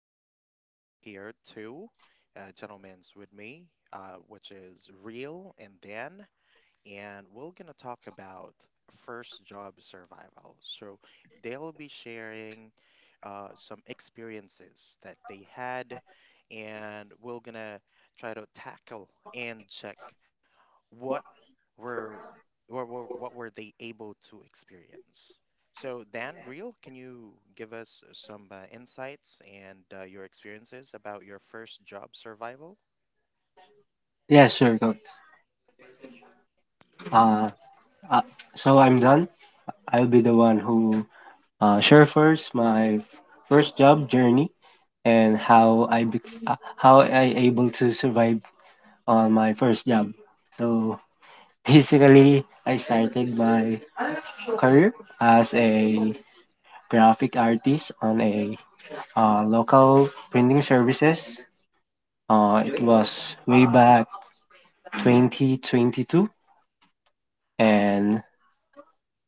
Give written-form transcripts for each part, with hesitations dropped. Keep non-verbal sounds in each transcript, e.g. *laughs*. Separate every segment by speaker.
Speaker 1: and I have here two gentlemen with me, which is Real and Dan, and we're gonna talk about first job survival. So they'll be sharing some experiences that they had, and we're gonna try to tackle and check what were what were they able to experience? So Dan, real, can you give us some insights and your experiences about your first job survival?
Speaker 2: Yeah, sure, coach. Uh, uh, so I'm done. I'll be the one who share first my first job journey and how I bec how I able to survive on my first job. So basically, I started my career as a graphic artist on a local printing services. It was way back 2022. And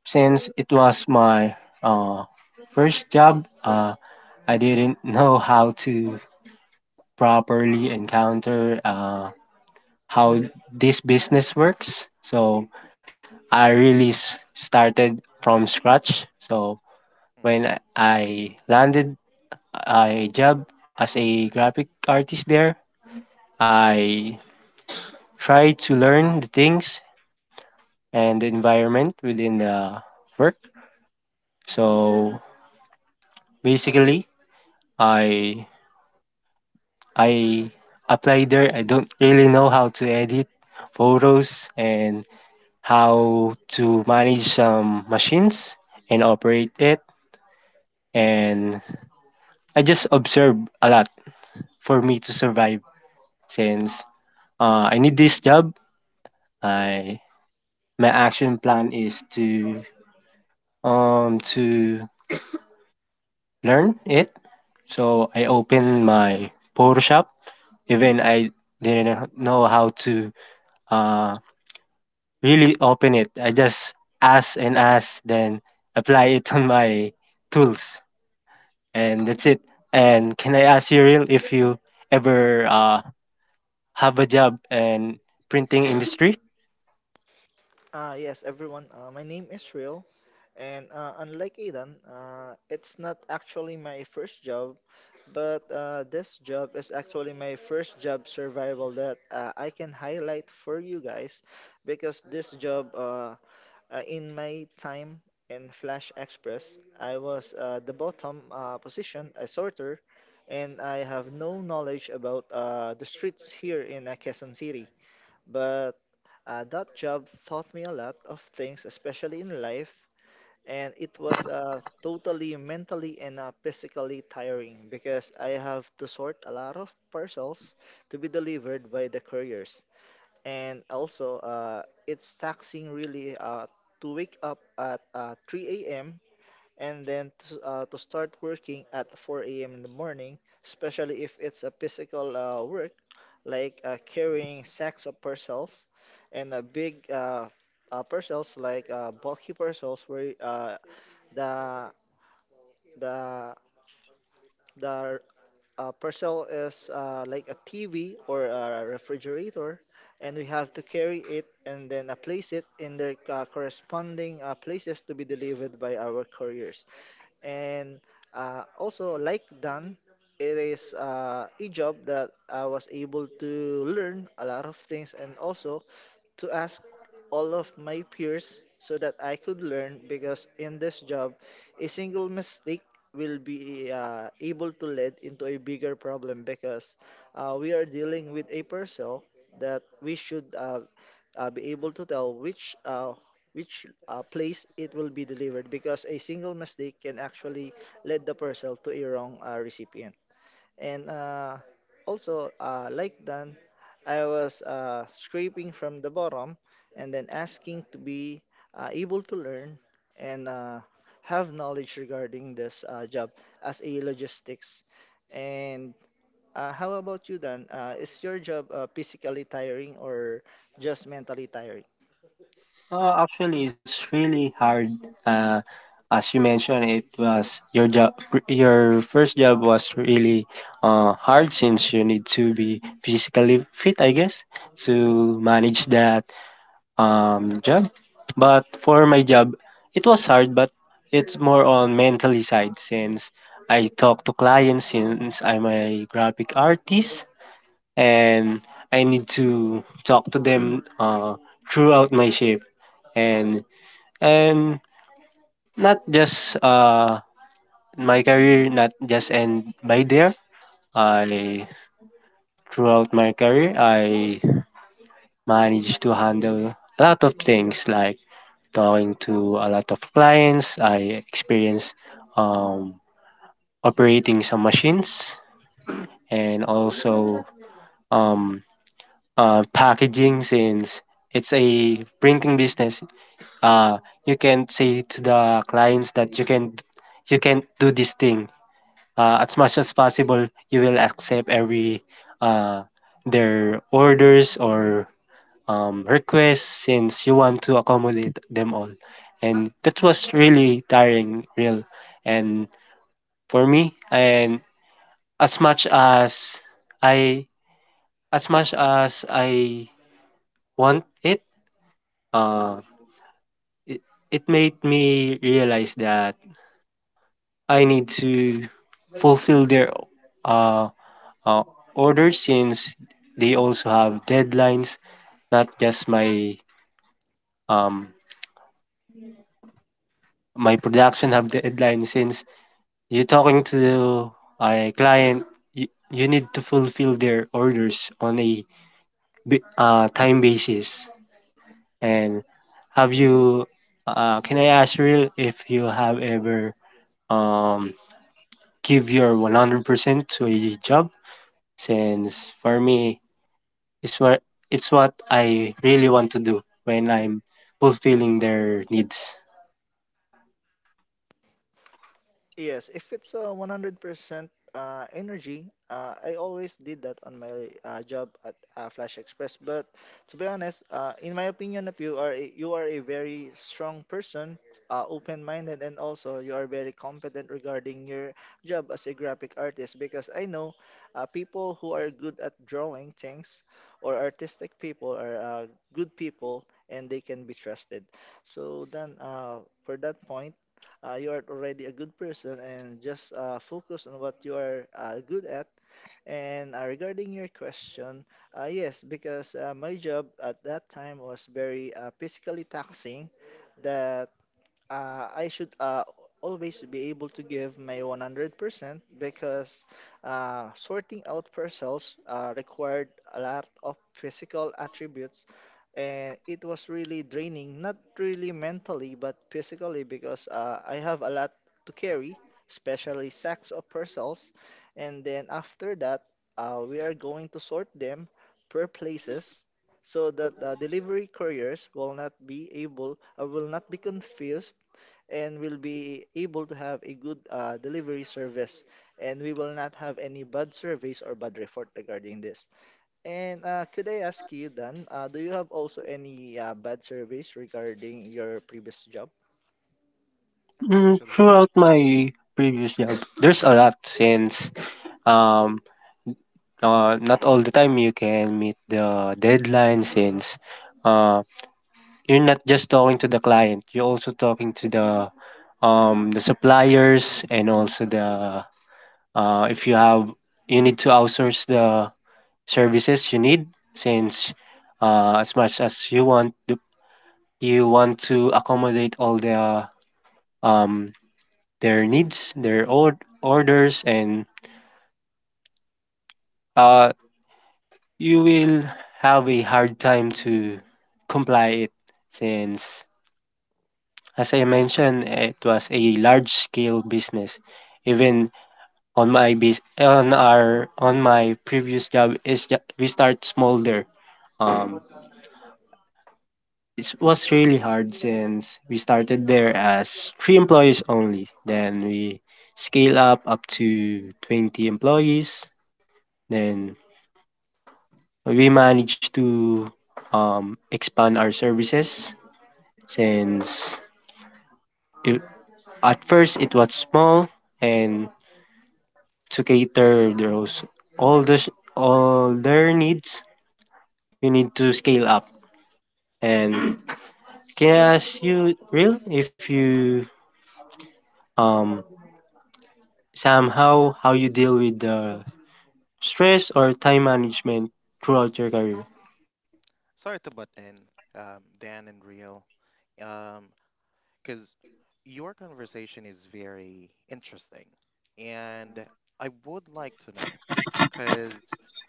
Speaker 2: since it was my uh, first job, I didn't *laughs* know how to properly encounter how this business works. So I really started from scratch. So when
Speaker 1: Hmm.
Speaker 2: I landed a job as a graphic artist there, I tried to learn the things and the environment within the work. So basically, I I applied there. I don't really know how to edit photos and how to manage some machines and operate it. And I just observe a lot for me to survive since I need this job.
Speaker 1: Hmm.
Speaker 2: I, my action plan is to um to learn it. So I opened my Photoshop even I didn't know how to uh, really open it. I just ask and ask, then apply it on my tools, and that's it. And can I ask you, real, if you ever have a job in printing industry?
Speaker 3: Yes, everyone. My name is Real, and unlike Aidan, it's not actually my first job, but this job is actually my first job survival that I can highlight for you guys because this job, in my time in Flash Express, I was the bottom position, a sorter, and I have no knowledge about the streets here in Quezon City. But that job taught me a lot of things, especially in life, and it was totally mentally and physically tiring because I have to sort a lot of parcels to be delivered by the couriers. And also, it's taxing really to wake up at 3 a.m and then to start working at 4 a.m. in the morning, especially if it's a physical work like carrying sacks of parcels and a big parcels like bulky parcels where the the the parcel is like a TV or a refrigerator, and we have to carry it and then place it in their corresponding places to be delivered by our couriers and also like Dan, it is a job that I was able to learn a lot of things and also to ask all of my peers so that I could learn because in this job, a single mistake will be able to lead into a bigger problem because we are dealing with a person that we should be able to tell which place it will be delivered because a single mistake can actually lead the parcel to a wrong recipient. And also, like Dan, I was scraping from the bottom and then asking to be able to learn and have knowledge regarding this job as a logistics. And how about you, Dan? Is your job physically tiring or just mentally tiring?
Speaker 2: Actually, it's really hard. Uh, as you mentioned, it was your job. Your first job was really hard since you need to be physically fit, I guess, to manage that job. But for my job, it was hard, but it's more on mentally side since I talk to clients since I'm a graphic artist and I need to talk to them throughout my shift and and not just my career not just end by there. I, throughout my career, I managed to handle a lot of things like talking to a lot of clients. I experienced um, operating some machines and also um, packaging since it's a printing business. Uh, you can say to the clients that you can do this thing. As much as possible, you will accept every uh, their orders or requests since you want to accommodate them all. And that was really tiring, real. And for me, and as much as I as much as I want it, uh, it, it made me realize that I need to fulfill their uh, uh, orders since they also have deadlines, not just my um my production have deadlines since you're talking to a client, you need to fulfill their orders on a time basis. And have you, can I ask real if you have ever um, give your 100% to a job? Since for me, it's what, it's what I really want to do when I'm fulfilling their needs.
Speaker 3: Yes, if it's a 100% energy, I always did that on my job at Flash Express. But to be honest, in my opinion, if you are a very strong person, open-minded, and also you are very competent regarding your job as a graphic artist. Because I know people who are good at drawing things or artistic people are good people, and they can be trusted. So then, for that point you are already a good person and just focus on what you are good at. And regarding your question, yes, because my job at that time was very physically taxing that I should always be able to give my 100% because sorting out parcels required a lot of physical attributes and it was really draining, not really mentally but physically because I have a lot to carry, especially sacks of parcels. And then after that, we are going to sort them per places so that the delivery couriers will not be able, will not be confused and will be able to have a good delivery service and we will not have any bad surveys or bad report regarding this. And could I ask you, Dan, do you have also any bad surveys regarding your previous job?
Speaker 2: Mm,
Speaker 1: Actually,
Speaker 2: throughout my previous job, there's a lot since um, not all the time you can meet the deadline since uh, you're not just talking to the client, you're also talking to the suppliers and also the if you have, you need to outsource the services you need since as much as you want to accommodate all the um, their needs, orders, and uh, you will have a hard time to comply it since, as I mentioned, it was a large scale business. Even on my bus- on our on my previous job is we start small there. um it was really hard since we started there as 3 employees only, then we scale up to 20 employees, then we managed to expand our services since it, at first, it was small, and to cater those, all the all their needs, we need to scale up. And can I ask you, real, if you um somehow, how you deal with the stress or time management throughout your career?
Speaker 1: sorry to butt in, Dan and Real. Um, because your conversation is very interesting. And I would like to know, because,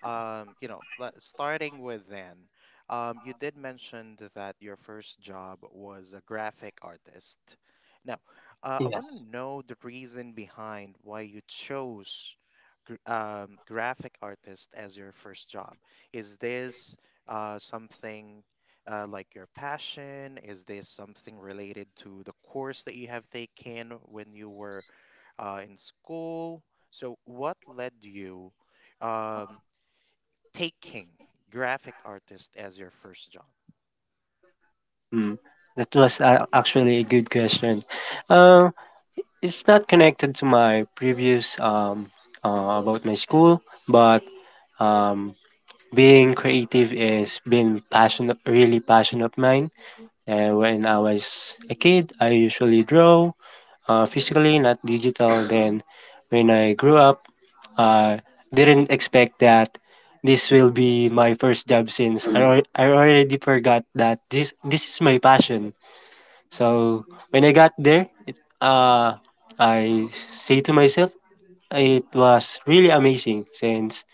Speaker 1: um, you know, let- starting with then, you did mention that your first job was a graphic artist. Now, I want to know the reason behind why you chose gr graphic artist as your first job. Is this something like your passion? Is this something related to the course that you have taken when you were in school? So, what led you um, taking graphic artist as your first job?
Speaker 2: Hmm, that was actually a good question. Uh, it's not connected to my previous about my school, but um being creative is been passion, really passion of mine. And when I was a kid, I usually draw, physically, not digital. Then when I grew up, I didn't expect that this will be my first job since I already forgot that this is my passion. So when I got there, I say to myself, it was really amazing since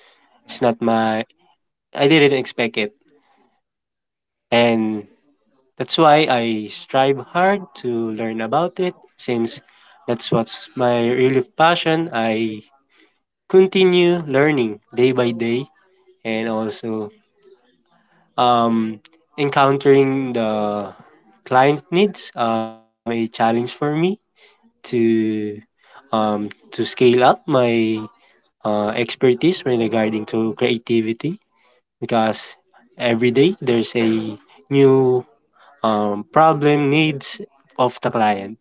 Speaker 2: it's
Speaker 1: Hmm.
Speaker 2: not my, I didn't expect it. And that's why I strive hard to learn about it since that's what's my real passion. I continue learning day by day and also um, encountering the client needs become a challenge for me to to scale up my expertise when regarding to creativity, because every day there's a new problem needs of the client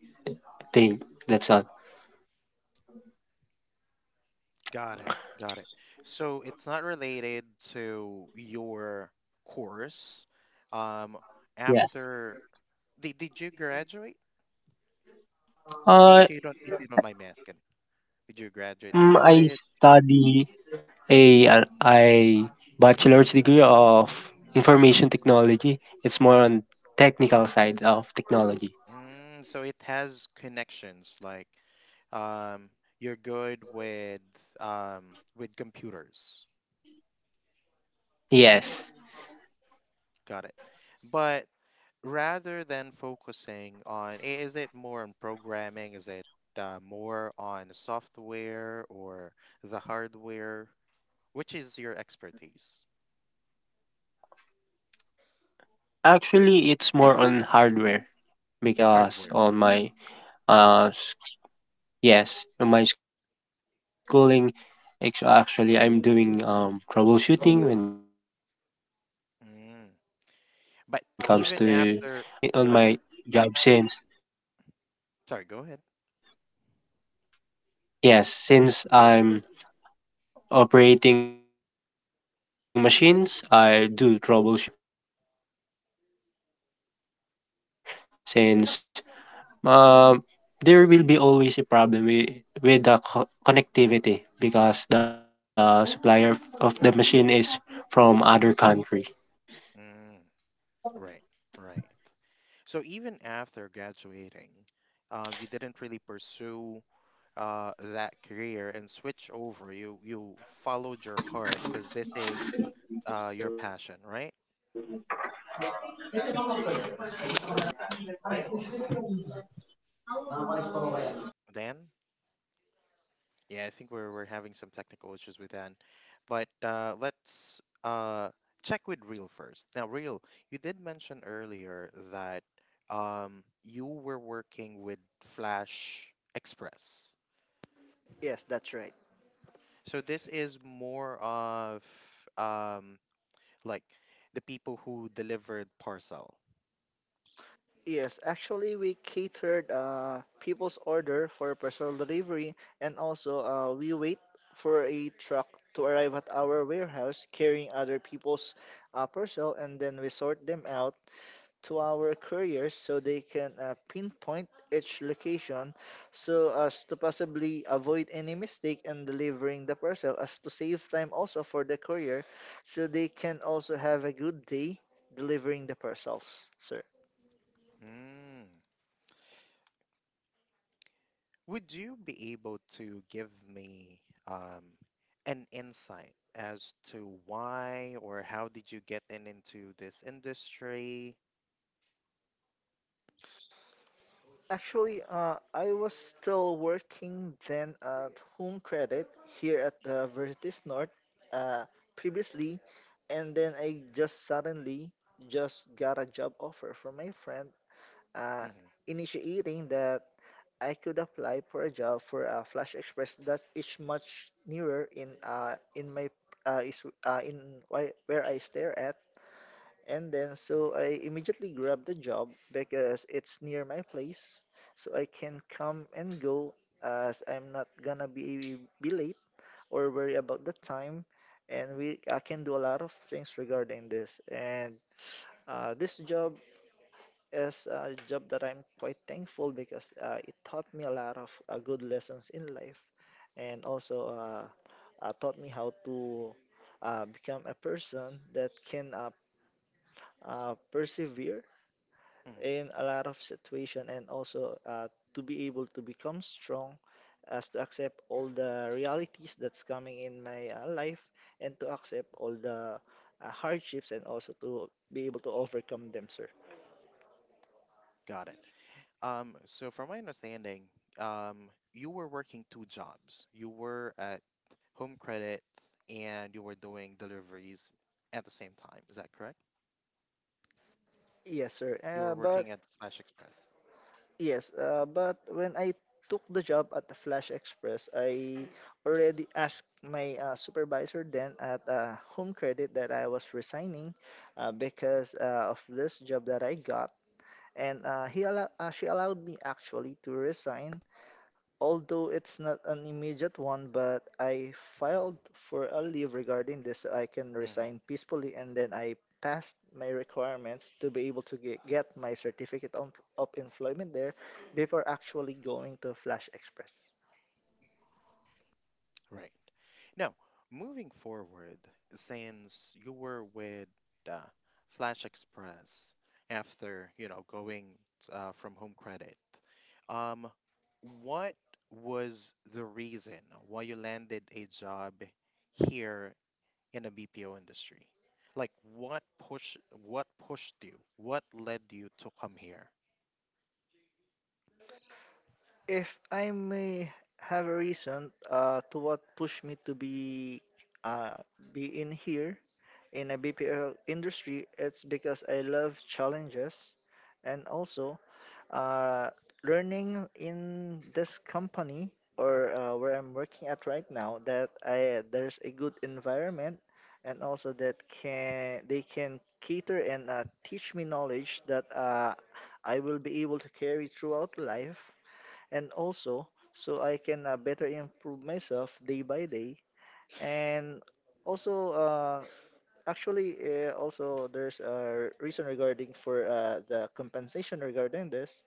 Speaker 2: thing. That's all.
Speaker 1: Got it. Got it. So it's not related to your course. Um,
Speaker 2: Yeah.
Speaker 1: after Did you graduate?
Speaker 2: Uh,
Speaker 1: If you don't mind me asking, did you graduate
Speaker 2: I
Speaker 1: college?
Speaker 2: study a, I bachelor's degree of information technology. It's more on technical side of technology.
Speaker 1: Mm, so it has connections like um, you're good with with computers.
Speaker 2: Yes.
Speaker 1: Got it. But rather than focusing on, is it more on programming? Is it more on software or the hardware? Which is your expertise?
Speaker 2: Actually, it's more on hardware
Speaker 1: Hardware.
Speaker 2: because on my uh s- yes, on my schooling, actually I'm doing
Speaker 1: Mm.
Speaker 2: troubleshooting when it comes to
Speaker 1: But even after,
Speaker 2: computers, errors, and I also
Speaker 1: sorry,
Speaker 2: apply
Speaker 1: go
Speaker 2: on
Speaker 1: ahead.
Speaker 2: my jobs. Yes, since I'm operating machines, I do troubleshooting. I reformat the system when there's an error. Since um, there will be always a problem with the connectivity because the supplier of the machine is from other country.
Speaker 1: Mm, right, right. So even after graduating, you didn't really pursue that career and switch over. You followed your heart because this is your passion, right? Dan? Yeah, I think we're having some technical issues with Dan, but let's check with Real first. Now, Real, you did mention earlier that you were working with Flash Express.
Speaker 3: Yes, that's right.
Speaker 1: So this is more of um, like the people who delivered parcel.
Speaker 3: Yes, actually, we catered people's order for personal delivery, and also we wait for a truck to arrive at our warehouse carrying other people's parcel, and then we sort them out to our couriers so they can pinpoint each location so as to possibly avoid any mistake in delivering the parcel as to save time also for the courier so they can also have a good day delivering the parcels sir
Speaker 1: Mm. Would you be able to give me um, an insight as to why or how did you get in into this industry?
Speaker 3: actually I was still working then at Home Credit here at the Veritas north uh, previously and then I just suddenly just got a job offer from my friend uh,
Speaker 1: Mhm,
Speaker 3: initiating that I could apply for a job for a Flash Express that is much nearer in in my is in why, where I stare at. And then so I immediately grabbed the job because it's near my place, so I can come and go as I'm not gonna be late or worry about the time, and we I can do a lot of things regarding this. And this job is a job that I'm quite thankful because it taught me a lot of good lessons in life and also taught me how to become a person that can persevere
Speaker 1: mhm.
Speaker 3: in a lot of situation and also to be able to become strong as to accept all the realities that's coming in my life and to accept all the hardships and also to be able to overcome them, sir.
Speaker 1: Got it. So from my understanding, you were working two jobs. You were at Home Credit and you were doing deliveries at the same time. Is that correct?
Speaker 3: Yes, sir.
Speaker 1: You
Speaker 3: Uh,
Speaker 1: were
Speaker 3: but
Speaker 1: working at Flash Express.
Speaker 3: Yes, but when I took the job at the Flash Express, I already asked my supervisor then at Home Credit that I was resigning because of this job that I got. And she allowed me actually to resign although it's not an immediate one, but I filed for a leave regarding this so I can
Speaker 1: Mhm.
Speaker 3: resign peacefully and then I passed my requirements to be able to get my certificate of employment there before actually going to Flash Express.
Speaker 1: Right. Now, moving forward, since you were with uh, Flash Express after, going from Home Credit, um, what was the reason why you landed a job here in the BPO industry? Like, what pushed you? What led you to come here?
Speaker 3: If I may have a reason to what pushed me to be uh, be in here in a BPL industry, it's because I love challenges and also uh, learning in this company or where I'm working at right now that I there's a good environment and also that can they can cater and teach me knowledge that I will be able to carry throughout life and also so I can better improve myself day by day. And also, actually, also there's a reason regarding for the compensation regarding this.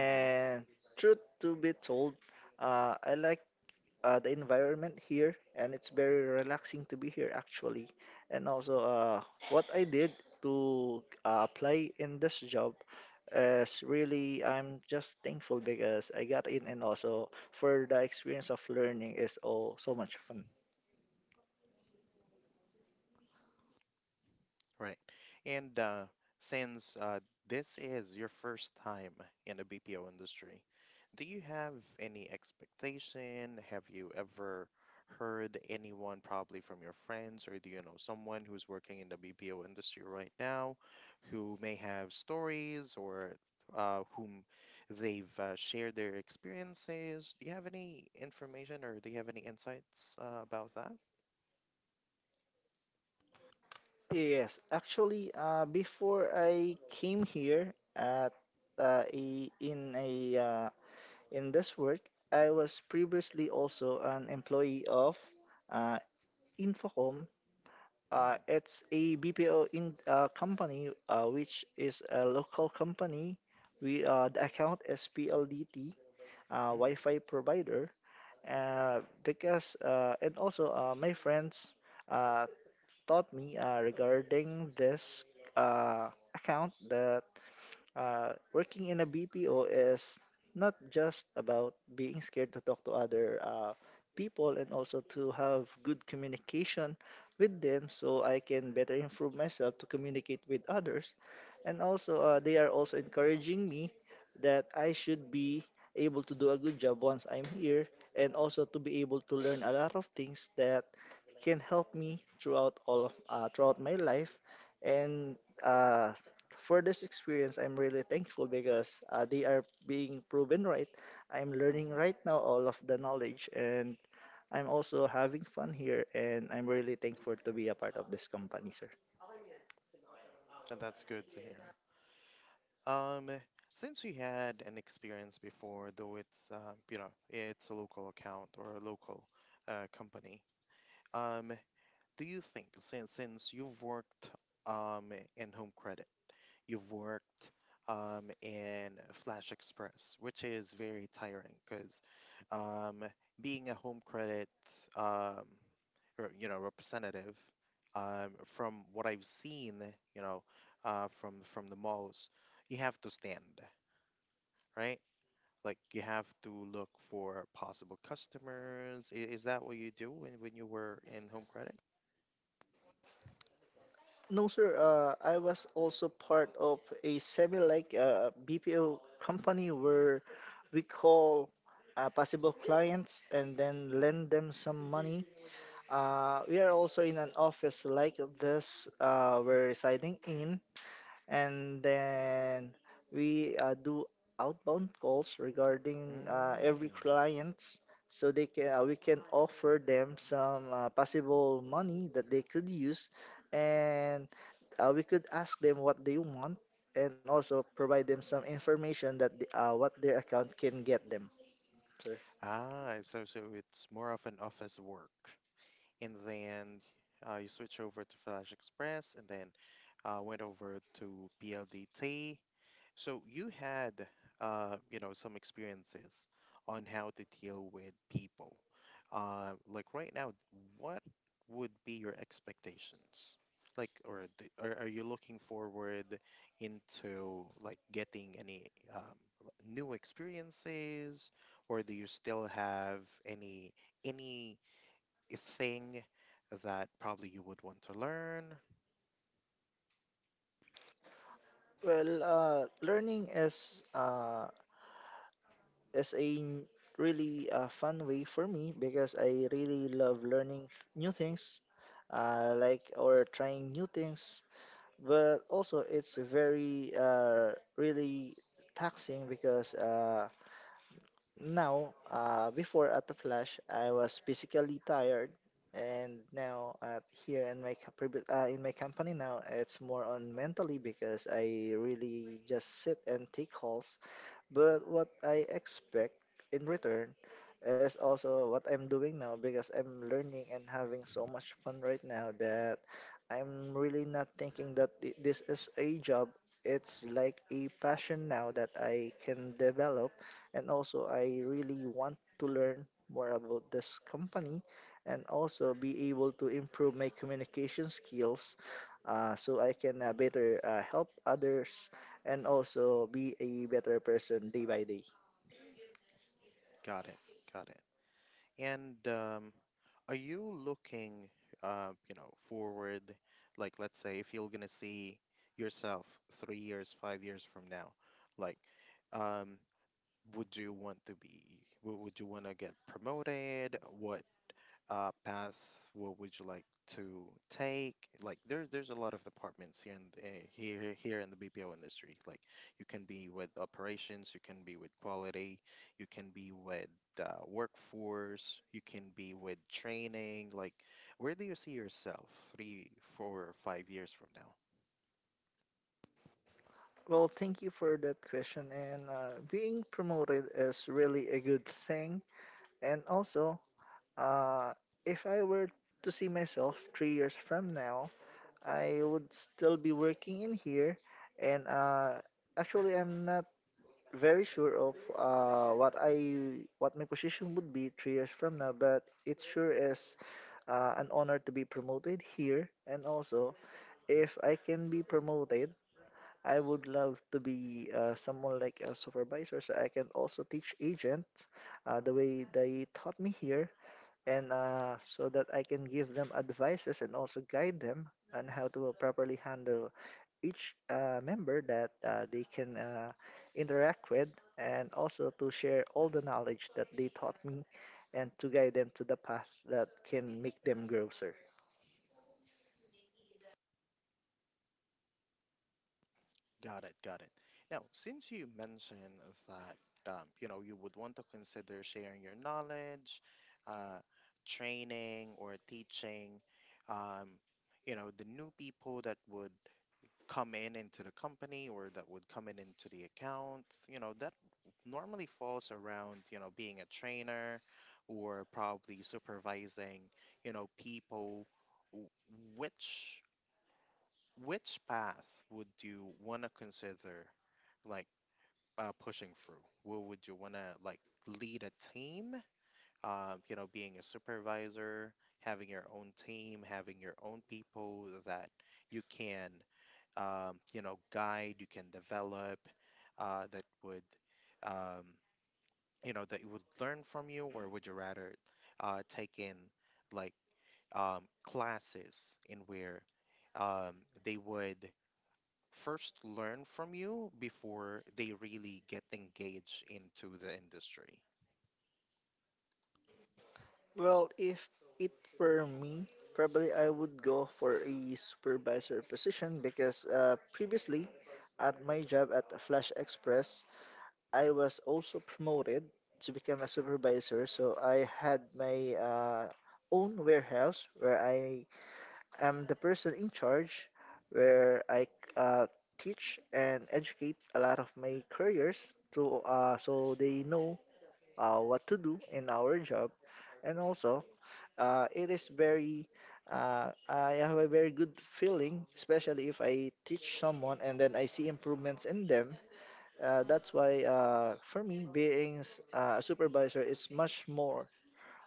Speaker 1: Mm-hmm.
Speaker 3: truth to be told, I like the environment here, and it's very relaxing to be here actually. And also, what I did to apply in this job is really I'm just thankful because I got in, and also for the experience of learning is all so much fun.
Speaker 1: Right. And since this is your first time in the BPO industry, do you have any expectation? Have you ever heard anyone, probably from your friends, or do you know someone who's working in the BPO industry right now who may have stories or whom they've shared their experiences? Do you have any information or do you have any insights about that?
Speaker 3: Yes, actually, before I came here at a in this work, I was previously also an employee of uh, Infocom Uh,
Speaker 1: Mm.
Speaker 3: it's a BPO in company, which is a local company. We the account is PLDT, uh,
Speaker 1: Mm.
Speaker 3: Wi-Fi provider. Because and also my friends uh, taught me regarding this uh, account that working in a BPO is not just about being scared to talk to other people and also to have good communication with them so I can better improve myself to communicate with others. And also, they are also encouraging me that I should be able to do a good job once I'm here and also to be able to learn a lot of things that can help me throughout all of throughout my life and uh, for this experience I'm really thankful because they are being proven right. I'm learning
Speaker 1: Hmm.
Speaker 3: right now all of the knowledge and I'm also having fun here and I'm really thankful to be a part of this company, sir.
Speaker 1: That's good to hear. Um, since we had an experience before, though it's it's a local account or a local company. Um, do you think since you've worked um in Home Credit, you've worked in Flash Express, which is very tiring because um being a Home Credit um or, representative from what I've seen, you know from the malls, you have to stand, right? Like you have to look for possible customers. Is that what you do when you were in home credit?
Speaker 3: No, sir. I was also part of a semi like BPO company where we call possible clients and then lend
Speaker 1: Hmm.
Speaker 3: them some money. We are also in an office like this we're residing in, and then we do outbound calls regarding every
Speaker 1: Mm.
Speaker 3: clients so they can we can offer them some possible money that they could use and we could ask them what they want and also provide them some information that the, what their account can get them sir
Speaker 1: Ah, so it's more of an office work. And then you switch over to Flash Express and then went over to PLDT. So you had, some experiences on how to deal with people. Like right now, what would be your expectations? Like, are you looking forward into like getting any new experiences, or do you still have any any thing that probably you would want to learn?
Speaker 3: well learning is is a really fun way for me because I really love learning new things, like or trying new things. But also, it's very really taxing because now, before at the Flash, I was physically tired, and now at here in my in my company now, it's more on mentally because I really just sit and take calls but what I expect in return is also what I'm doing now because I'm learning and having so much fun right now that I'm really not thinking that this is a job. It's like a passion now that I can develop, and also I really want to learn more about this company and also be able to improve my communication skills so I can better help others and also be a better person day by day.
Speaker 1: Got it, got it. And are you looking, forward? Like, let's say if you're gonna see yourself 3 years, 5 years from now, like, um, would you want to be? Would you want to get promoted? What path what would you like to take? Like there's a lot of departments here in the, eh, here here in the BPO industry. Like you can be with operations, you can be with quality, you can be with workforce, you can be with training. Like where do you see yourself 3, 4, or 5 years from now?
Speaker 3: Well, thank you for that question. And being promoted is really a good thing. And also, uh, if I were to see myself 3 years from now, I would still be working in here. And actually, I'm not very sure of what my position would be 3 years from now. But it sure is an honor to be promoted here. And also, if I can be promoted I would love to be someone like a supervisor, so I can also teach agents the way they taught me here, and so that I can give them advices and also guide them on how to properly handle each member that they can interact with, and also to share all the knowledge that they taught me, and to guide them to the path that can make them grow, sir.
Speaker 1: Got it, got it. Now, since you mentioned that you would want to consider sharing your knowledge, uh, training or teaching, um, the new people that would come in into the company or that would come in into the account, that normally falls around being a trainer or probably supervising people. W- Which which path would you want to consider like pushing through? What would you want to, like, lead a team? Being a supervisor, having your own team, having your own people that you can, guide, you can develop, that would, um, that would learn from you, or would you rather take in like classes in where um, they would first learn from you before they really get engaged into the industry.
Speaker 3: Well, if it were me, probably I would go for a supervisor position because previously at my job at Flash Express, I was also promoted to become a supervisor. So I had my own warehouse where I am the person in charge, where I uh, teach and educate a lot of my couriers to so they know what to do in our job and also it is very. I have a very good feeling, especially if I teach someone and then I see improvements in them. That's why for me, being a supervisor is much more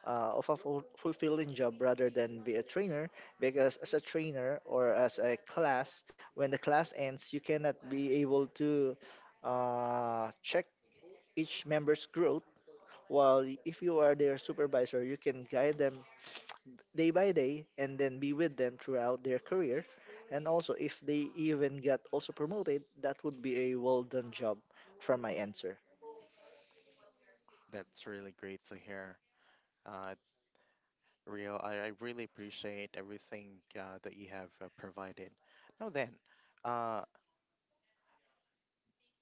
Speaker 3: of a fulfilling job rather than be a trainer. Because as a trainer or as a class, when the class ends, you cannot be able to check each member's growth. While if you are their supervisor, you can guide them day by day and then be with them throughout their career. And also, if they even got also promoted, that would be a well done job from my end, sir.
Speaker 1: That's really great to hear. Uh, Real, I really appreciate everything that you have provided. Now uh,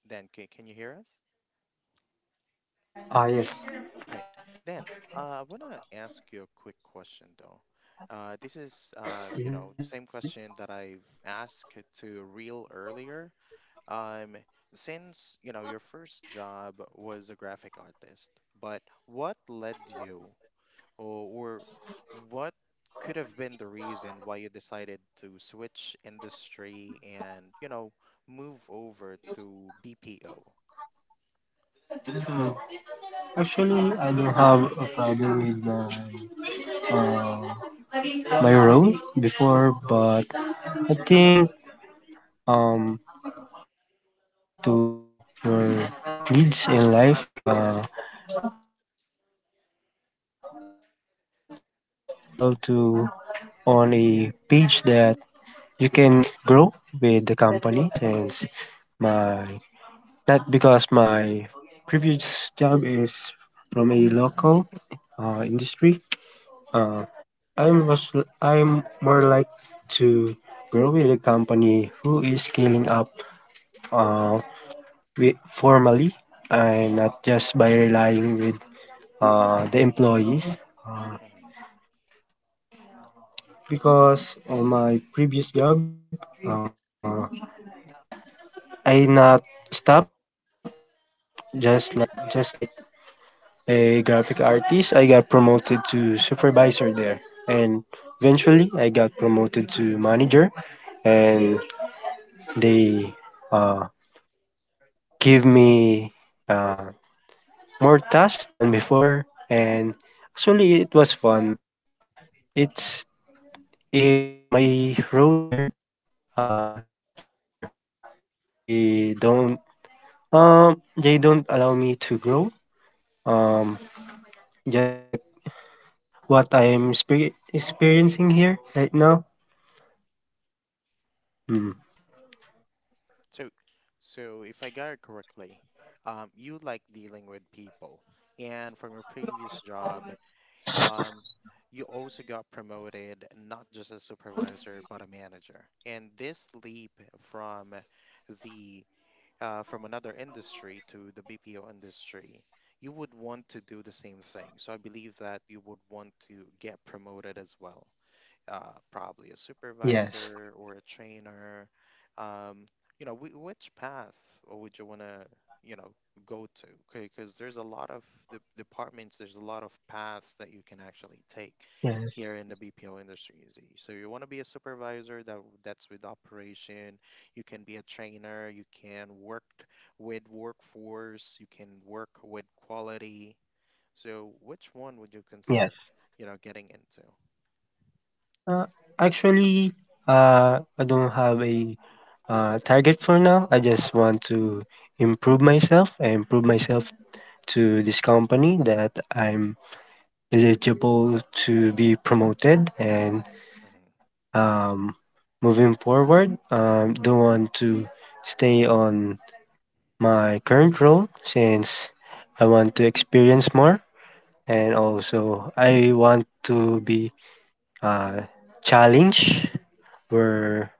Speaker 1: then can you hear us?
Speaker 2: Ah, yes.
Speaker 1: All right. Then I want to ask you a quick question though. This is,
Speaker 2: Mhm.
Speaker 1: the same question that I've asked to Real earlier. Um, since you know your first job was a graphic artist, but what led you, or what could have been the reason why you decided to switch industry and move over to BPO?
Speaker 2: Uh, actually, I don't have a problem with my, uh, my role before, but I think um, when it comes to your needs in life, it's more practical to, on a page that you can grow with the company since my, not because my previous job is from a local industry.
Speaker 1: Hmm.
Speaker 2: Uh, I'm was I'm more like to grow with a company who is scaling up, uh, formally, and not just by relying with the employees. Uh,
Speaker 1: Hmm.
Speaker 2: because on my previous job, uh, I not stop just like I just like a graphic artist. I got promoted to supervisor there, and eventually I got promoted to manager, and they uh, give me uh, more tasks than before, and actually it was fun. But it's my role there, it stopped there. They don't they don't allow me to grow. Um, just like what I'm experiencing here right now. Mm.
Speaker 1: So, so, if I got it correctly, you like dealing with people, and from your previous job, um, you also got promoted not just a supervisor but a manager. And this leap from the from another industry to the BPO industry, you would want to do the same thing. So I believe that you would want to get promoted as well, probably a
Speaker 2: Yes.
Speaker 1: supervisor or a trainer. Um, which path would you want to, you know, go to? Because there's a lot of the departments, there's a lot of paths that you can actually take here
Speaker 2: Yes.
Speaker 1: in the BPO industry. So you want to be a supervisor that's with operation. You can be a trainer. You can work with workforce. You can work with quality. So which one would you
Speaker 2: Yes.
Speaker 1: consider, getting into?
Speaker 2: Uh, actually, I don't have a target for now. I just want to improve myself and prove myself to this company that I'm eligible to be promoted and um, moving forward. Don't want to stay on my current role since I want to experience more, and also I want to be uh, challenged where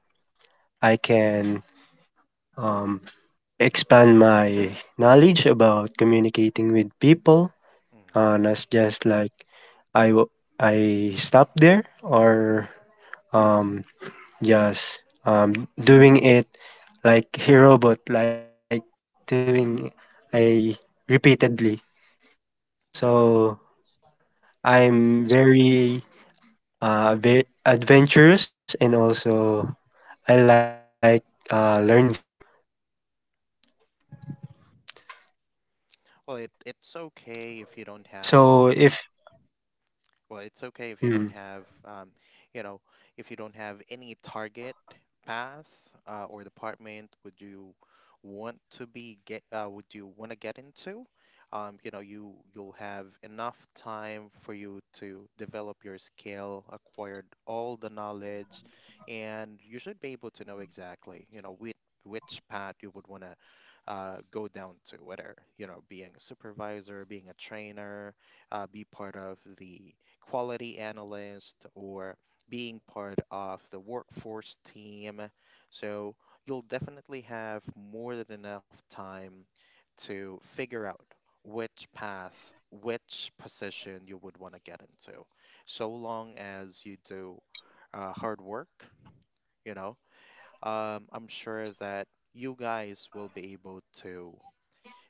Speaker 2: I can Um, expand my knowledge about communicating with people.
Speaker 1: Hmm.
Speaker 2: Not just like I w- I stop there or um, just doing it like a robot, like doing a repeatedly.
Speaker 1: Got it.
Speaker 2: So I'm very adventurous, and also I like learning stuff.
Speaker 1: Well, it, it's okay if you don't have
Speaker 2: So if,
Speaker 1: Well, it's okay if you don't
Speaker 2: hmm,
Speaker 1: have, you know, if you don't have any target path, or department would you want to be get would you want to get into? You'll have enough time for you to develop your skill, acquired all the knowledge, and you should be able to know exactly, which path you would want to go down to, whether, being a supervisor, being a trainer, be part of the quality analyst or being part of the workforce team. So you'll definitely have more than enough time to figure out which path, which position you would want to get into, so long as you do hard work. You know, I'm sure that you guys will be able to,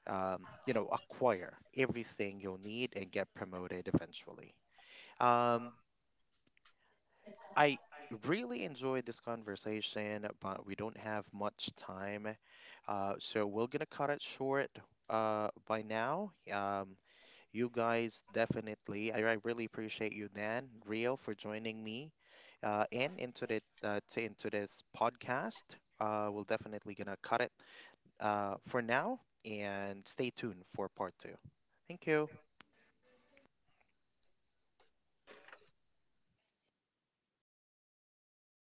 Speaker 1: acquire everything you'll need and get promoted eventually. Um, I really enjoyed this conversation, but we don't have much time. So we're gonna cut it short by now. You guys definitely, I really appreciate you, Dan, Rio, for joining me in into the to, into this podcast. We're definitely gonna cut it for now and stay tuned for part 2. Thank you.